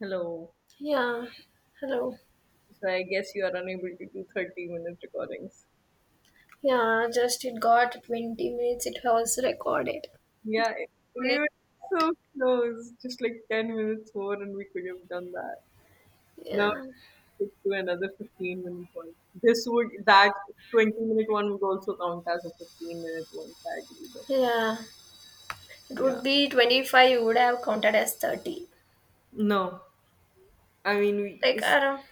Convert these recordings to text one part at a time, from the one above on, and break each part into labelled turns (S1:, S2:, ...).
S1: Hello.
S2: Yeah, hello.
S1: So I guess you are unable to do 30-minute recordings.
S2: Yeah, just it got 20 minutes, it was recorded.
S1: Yeah, we
S2: Minute-
S1: were so close, just like 10 minutes more, and we could have done that. Now
S2: Yeah,
S1: it's to another 15 minute one. That 20 minute one would also count as a 15 minute one, sadly, though.
S2: yeah, it would
S1: Yeah.
S2: be 25, you would have counted as 30.
S1: No. I mean,
S2: Like, I don't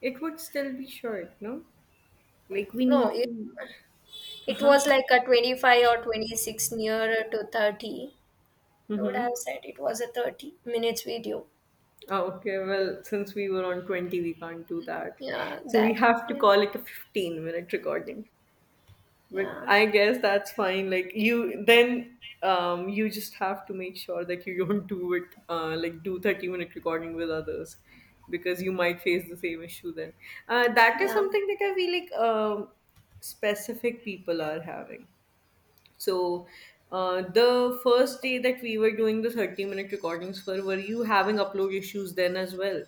S1: it would still be short, no? Like, we
S2: know,
S1: need
S2: it,
S1: to. Uh
S2: it
S1: huh.
S2: was like a 25 or 26 nearer to 30.
S1: Mm
S2: You would
S1: hmm.
S2: have said it was a 30 minutes video.
S1: Okay, well, since we were on 20, we can't do that.
S2: Yeah,
S1: So we
S2: that.
S1: have to
S2: Yeah,
S1: call it a 15-minute recording. But
S2: yeah,
S1: I guess that's fine. Like you then you just have to make sure that you don't do it like do 30-minute recording with others because you might face the same issue then. That is
S2: yeah.
S1: something that I feel like specific people are having. So the first day that we were doing the 30-minute recordings for, were you having upload issues then as well?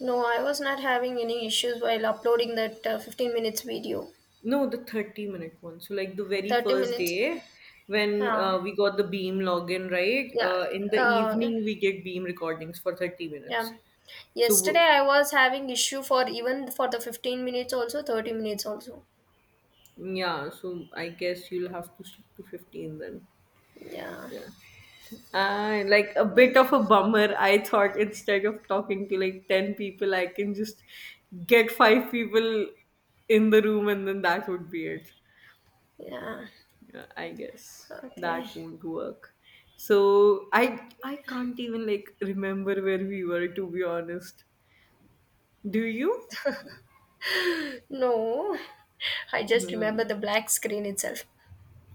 S2: No, I was not having any issues while uploading that 15 minutes video.
S1: No, the 30 minute one. So, like the very
S2: 30
S1: first
S2: minutes.
S1: day when
S2: Yeah.
S1: we got the Beam login, right?
S2: Yeah,
S1: In the
S2: uh,
S1: evening, we get Beam recordings for 30 minutes.
S2: yeah,
S1: So,
S2: yesterday I was having issue for even for the 15 minutes also, 30 minutes also.
S1: yeah, so I guess you'll have to stick to 15 then.
S2: Yeah,
S1: Yeah. And like a bit of a bummer, I thought instead of talking to like 10 people, I can just get five people in the room and then that would be it.
S2: yeah,
S1: I guess
S2: okay.
S1: that won't work. So I can't even like remember where we were, to be honest. Do you?
S2: No, I just remember
S1: Hmm.
S2: the black screen itself.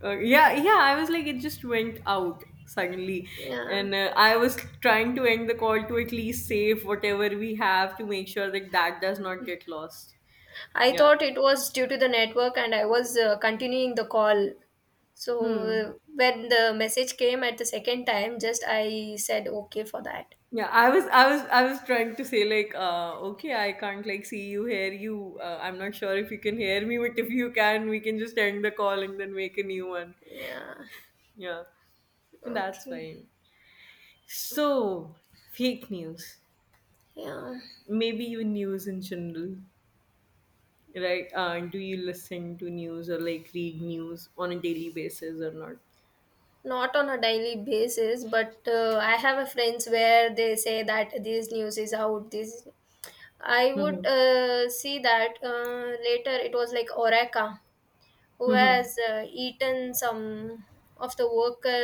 S1: Yeah, yeah. I was like, it just went out suddenly,
S2: Yeah,
S1: and I was trying to end the call to at least save whatever we have to make sure that that does not get lost.
S2: I
S1: Yeah.
S2: thought it was due to the network, and I was continuing the call. So
S1: Hmm.
S2: when the message came at the second time, just I said okay for that.
S1: Yeah, I was trying to say like okay, I can't like see you, hear you. I'm not sure if you can hear me, but if you can, we can just end the call and then make a new one.
S2: Yeah.
S1: Yeah. And that's
S2: Okay.
S1: fine. So, fake news.
S2: Yeah.
S1: Maybe even news in general, right? Do you listen to news or like read news on a daily basis or not?
S2: Not on a daily basis, but I have a friends where they say that this news is out, this I would
S1: Mhm.
S2: see that later. It was like Oreka who
S1: Mhm.
S2: has eaten some of the worker,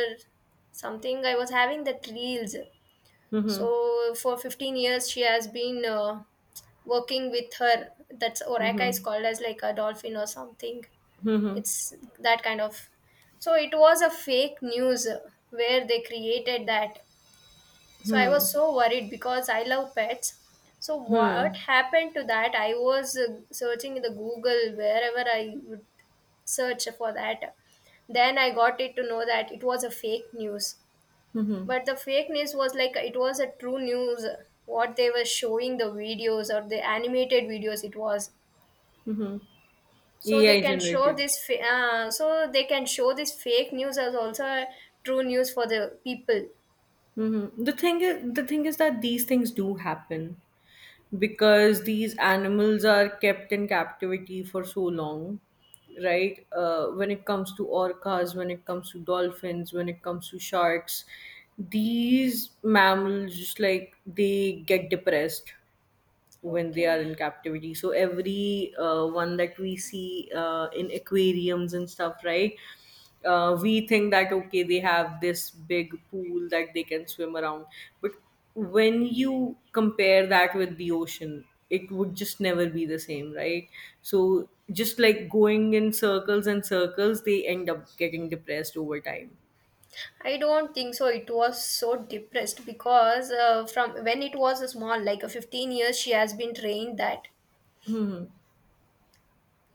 S2: something I was having that reels.
S1: Mhm.
S2: So for 15 years she has been working with her. That's Oreka is
S1: Mhm.
S2: called as like a dolphin or something.
S1: Mhm.
S2: It's that kind of. So it was a fake news where they created that. So I was
S1: Mhm.
S2: so worried because I love pets. So what
S1: Mhm.
S2: happened to that, I was searching in the Google, wherever I would search for that. Then I got it to know that it was a fake news.
S1: Mhm.
S2: But the fake news was like it was a true news. What they were showing, the videos or the animated videos, it was.
S1: Mhm.
S2: so they
S1: AI
S2: can show
S1: generated.
S2: this fa- uh, so they can show this fake news as also a true news for the people.
S1: Mm-hmm. The thing is that these things do happen because these animals are kept in captivity for so long, right? When it comes to orcas, when it comes to dolphins, when it comes to sharks, these mammals just like they get depressed when they
S2: Okay.
S1: are in captivity. So every one that we see in aquariums and stuff, right, we think that okay, they have this big pool that they can swim around. But when you compare that with the ocean, it would just never be the same, right? So just like going in circles and circles, they end up getting depressed over time.
S2: I don't think so it was so depressed because from when it was small like a 15 years she has been trained that.
S1: Hmm.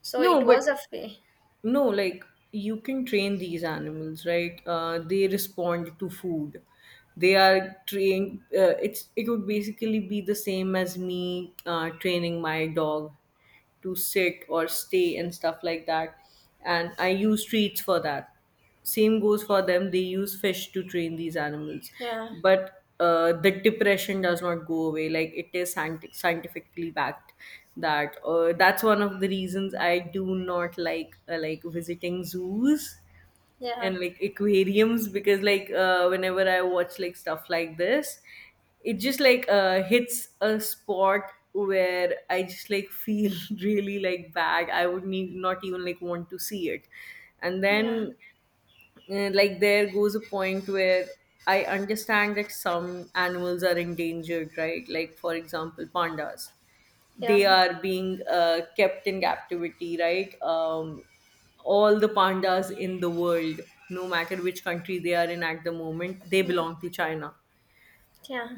S2: So
S1: No,
S2: it
S1: but
S2: was a.
S1: no, like you can train these animals, right? They respond to food. They are trained. It would basically be the same as me training my dog to sit or stay and stuff like that. And I use treats for that. Same goes for them. They use fish to train these animals.
S2: Yeah,
S1: But the depression does not go away. Like, it is scientifically backed. That's one of the reasons I do not like like visiting zoos
S2: yeah,
S1: and like aquariums, because like, whenever I watch like stuff like this, it just like hits a spot where I just like feel really like bad, I would need not even like want to see it. And
S2: yeah,
S1: then like there goes a point where I understand that some animals are endangered, right? Like for example, pandas.
S2: yeah,
S1: They are being kept in captivity, right? All the pandas in the world, no matter which country they are in at the moment, they belong to China.
S2: yeah, yeah.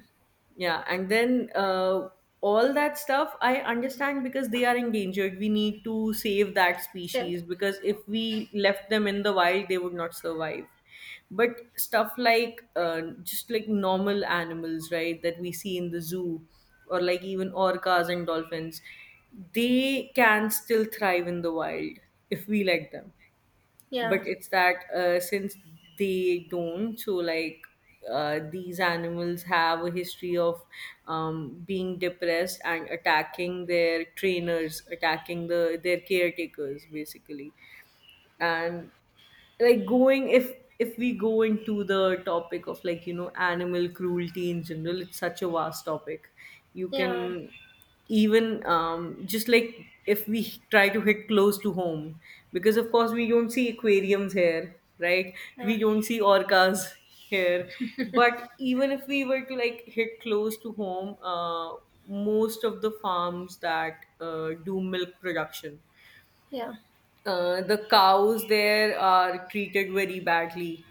S1: Yeah, and then all that stuff I understand because they are endangered. We need to save that
S2: So,
S1: species because if we left them in the wild, they would not survive. But stuff like just like normal animals, right, that we see in the zoo, or like even orcas and dolphins, they can still thrive in the wild if we let them.
S2: yeah,
S1: But it's that since they don't, so like, these animals have a history of being depressed and attacking their trainers, attacking their caretakers basically. And like going, if we go into the topic of like, you know, animal cruelty in general, it's such a vast topic. You
S2: yeah,
S1: can even just like, if we try to hit close to home, because of course we don't see aquariums here, right? We don't see orcas here. But even if we were to like hit close to home, most of the farms that do milk production,
S2: yeah,
S1: the cows there are treated very badly,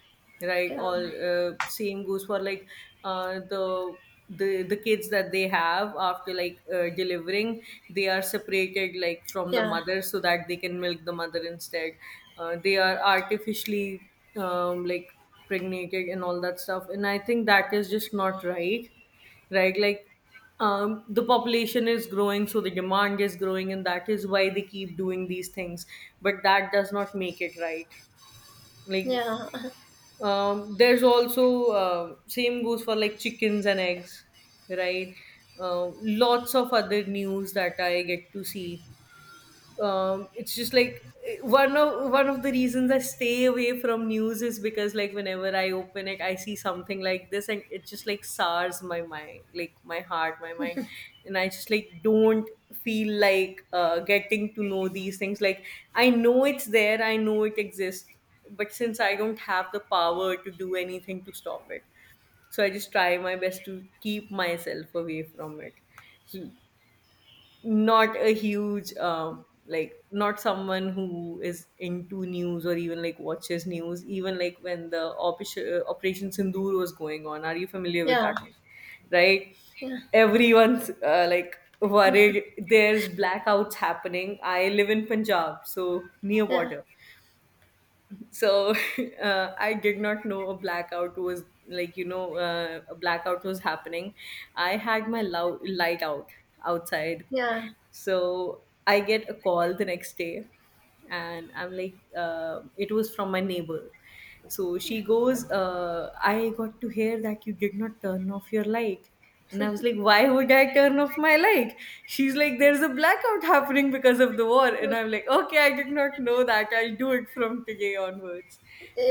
S1: right,
S2: yeah,
S1: all
S2: yeah,
S1: same goes for like, uh, the the kids that they have after like delivering, they are separated like from the
S2: yeah,
S1: mother so that they can milk the mother instead. They are artificially like pregnated and all that stuff, and I think that is just not right, right? Like, the population is growing so the demand is growing and that is why they keep doing these things, but that does not make it right. Like,
S2: yeah,
S1: there's also same goes for like chickens and eggs, right? Lots of other news that I get to see. It's just like one of the reasons I stay away from news is because, like whenever I open it, I see something like this, and it just like sours my mind, like my heart, my mind, and I just like don't feel like getting to know these things. Like, I know it's there, I know it exists, but since I don't have the power to do anything to stop it, so I just try my best to keep myself away from it. So, not a huge, like not someone who is into news or even like watches news. Even like when the operation Sindoor was going on, are you familiar with
S2: yeah,
S1: that one, right?
S2: yeah,
S1: Everyone's like worried, there's blackouts happening, I live in Punjab so near border. So I did not know a blackout was like, you know, a blackout was happening, I had my light out outside.
S2: yeah,
S1: So I get a call the next day, and I'm like, it was from my neighbor. So she goes, I got to hear that you did not turn off your light. And I was like, why would I turn off my light? She's like, there's a blackout happening because of the war. And
S2: yeah.
S1: I'm like, okay, I did not know that. I'll do it from today onwards.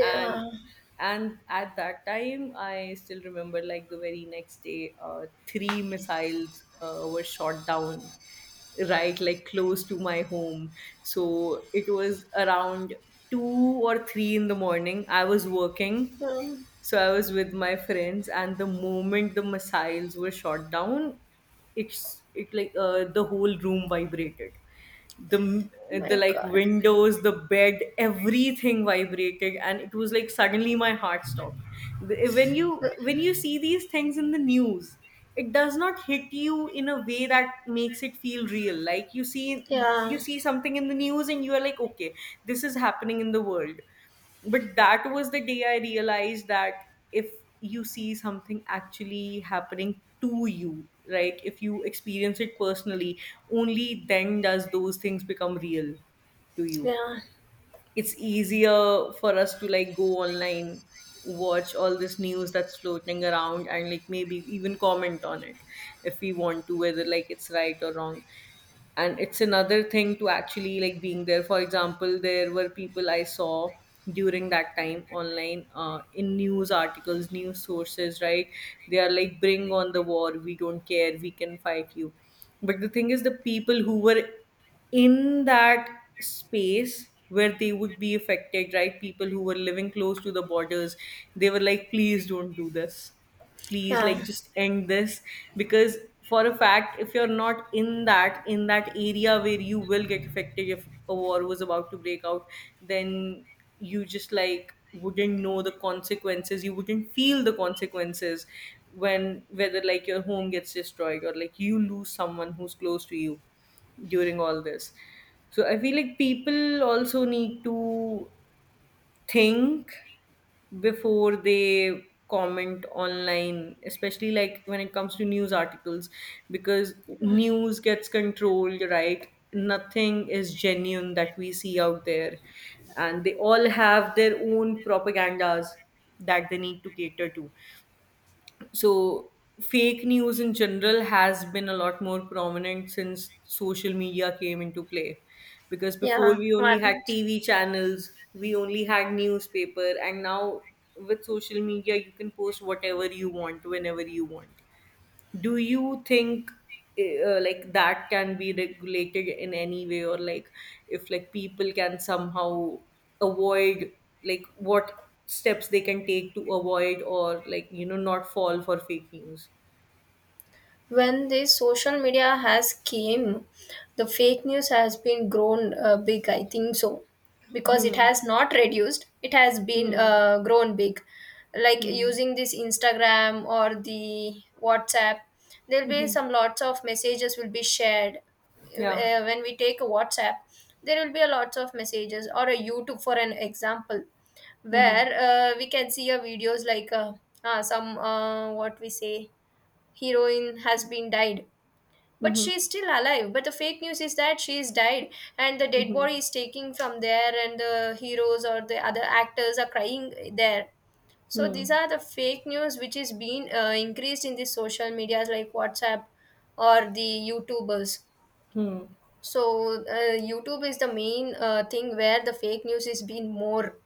S1: And and at that time, I still remember like the very next day, three missiles were shot down, right, like close to my home. So it was around 2 or 3 in the morning, I was working.
S2: Oh
S1: So I was with my friends, and the moment the missiles were shot down, it like, the whole room vibrated. the
S2: my
S1: the like
S2: god.
S1: windows, the bed, everything vibrated, and it was like suddenly my heart stopped. When you see these things in the news, it does not hit you in a way that makes it feel real. Like you see
S2: Yeah.
S1: you see something in the news and you are like, okay, this is happening in the world. But that was the day I realized that if you see something actually happening to you, right, if you experience it personally, only then does those things become real to you.
S2: Yeah.
S1: It's easier for us to like go online, watch all this news that's floating around, and like maybe even comment on it if we want to, whether like it's right or wrong. And it's another thing to actually like being there. For example, there were people I saw during that time online, in news articles, news sources, right, they are like, bring on the war, we don't care, we can fight you. But the thing is, the people who were in that space where they would be affected, right, people who were living close to the borders, they were like, please don't do this, please
S2: Yeah.
S1: like just end this. Because for a fact, if you're not in that area where you will get affected, if a war was about to break out, then you just like wouldn't know the consequences, you wouldn't feel the consequences, when, whether like your home gets destroyed or like you lose someone who's close to you during all this. So I feel like people also need to think before they comment online, especially like when it comes to news articles. Because
S2: Yeah.
S1: news gets controlled, right, nothing is genuine that we see out there, and they all have their own propagandas that they need to cater to. So fake news in general has been a lot more prominent since social media came into play, because before
S2: Yeah.
S1: we only had
S2: What?
S1: TV channels, we only had newspaper, and now with social media you can post whatever you want whenever you want. Do you think like that can be regulated in any way, or like if like people can somehow avoid, like what steps they can take to avoid, or like, you know, not fall for fake news?
S2: When the social media has came, the fake news has been grown big, I think so. Because it
S1: Mhm.
S2: has not reduced, it has been
S1: Hmm.
S2: grown big. Like
S1: Hmm.
S2: using this Instagram or the WhatsApp, there'll be
S1: Hmm.
S2: some lots of messages will be shared.
S1: Yeah.
S2: When we take a WhatsApp, there will be a lots of messages, or a YouTube for an example,
S1: Hmm.
S2: where we can see a videos like some, what we say, heroine has been died, but
S1: Hmm.
S2: she is still alive, but the fake news is that she is died, and the dead
S1: Hmm.
S2: body is taking from there, and the heroes or the other actors are crying there. So
S1: Hmm.
S2: these are the fake news which is being increased in the social medias like WhatsApp or the YouTubers.
S1: Hmm.
S2: So YouTube is the main thing where the fake news is being more.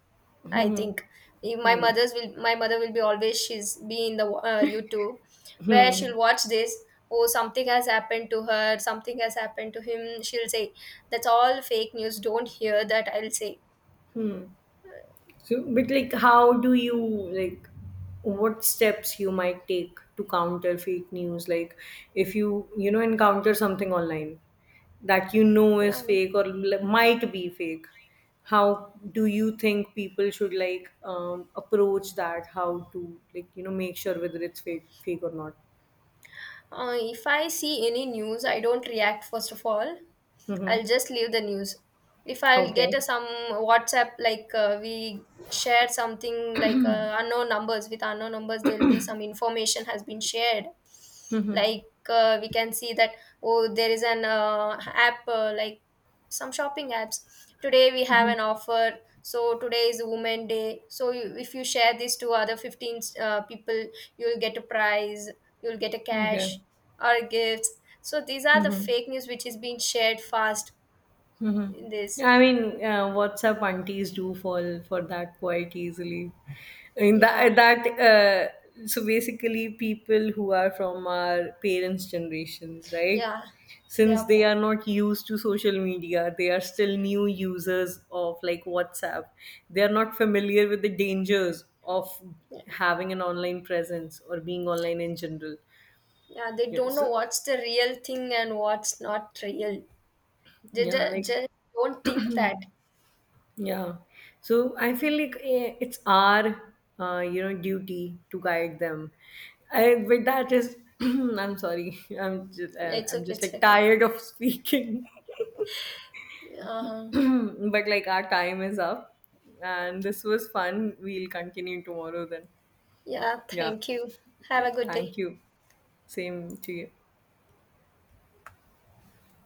S2: I
S1: Hmm.
S2: think, if my
S1: Hmm.
S2: mother's will, my mother will be always, she's be in the YouTube where
S1: Hmm.
S2: she'll watch this. Oh, something has happened to her, something has happened to him, she'll say. That's all fake news, don't hear that, I'll say.
S1: Hmm. So, but like, how do you like? What steps you might take to counter fake news? Like, if you you know encounter something online that you know
S2: Yeah.
S1: is fake or might be fake, how do you think people should like approach that? How to like, you know, make sure whether it's fake fake or not?
S2: If I see any news, I don't react first of all.
S1: Mm-hmm.
S2: I'll just leave the news. If I'll get
S1: Okay.
S2: a, some WhatsApp, like we share something like unknown numbers with unknown numbers, there'll be some information has been shared.
S1: Mm-hmm.
S2: Like we can see that, oh there is an app, like some shopping apps, today we have an offer, so today is women day, so you, if you share this to other 15 people, you'll get a prize, you'll get a
S1: Okay.
S2: cash, or gifts. So these are the
S1: Mm-hmm.
S2: fake news which is being shared fast
S1: Hmm.
S2: in this.
S1: I mean, WhatsApp aunties do fall for that quite easily. I mean
S2: Yeah.
S1: that that so basically people who are from our parents' generations, right?
S2: Yeah, they are
S1: Since they
S2: more.
S1: are not used to social media, they are still new users of like WhatsApp. They are not familiar with the dangers of
S2: Yeah,
S1: having an online presence or being online in general.
S2: yeah, they
S1: Yeah,
S2: don't know
S1: so
S2: what's the real thing and what's not real. They
S1: yeah,
S2: just,
S1: like,
S2: just don't think that.
S1: yeah. So I feel like it's our, you know, duty to guide them. I, with that is, I'm sorry, I'm just,
S2: It's
S1: I'm
S2: okay.
S1: just
S2: It's
S1: like
S2: okay.
S1: tired of speaking,
S2: Uh,
S1: but like our time is up, and this was fun. We'll continue tomorrow then.
S2: yeah.
S1: Yeah.
S2: Thank you. Have
S1: Yeah.
S2: a good day.
S1: Thank you. Same to you.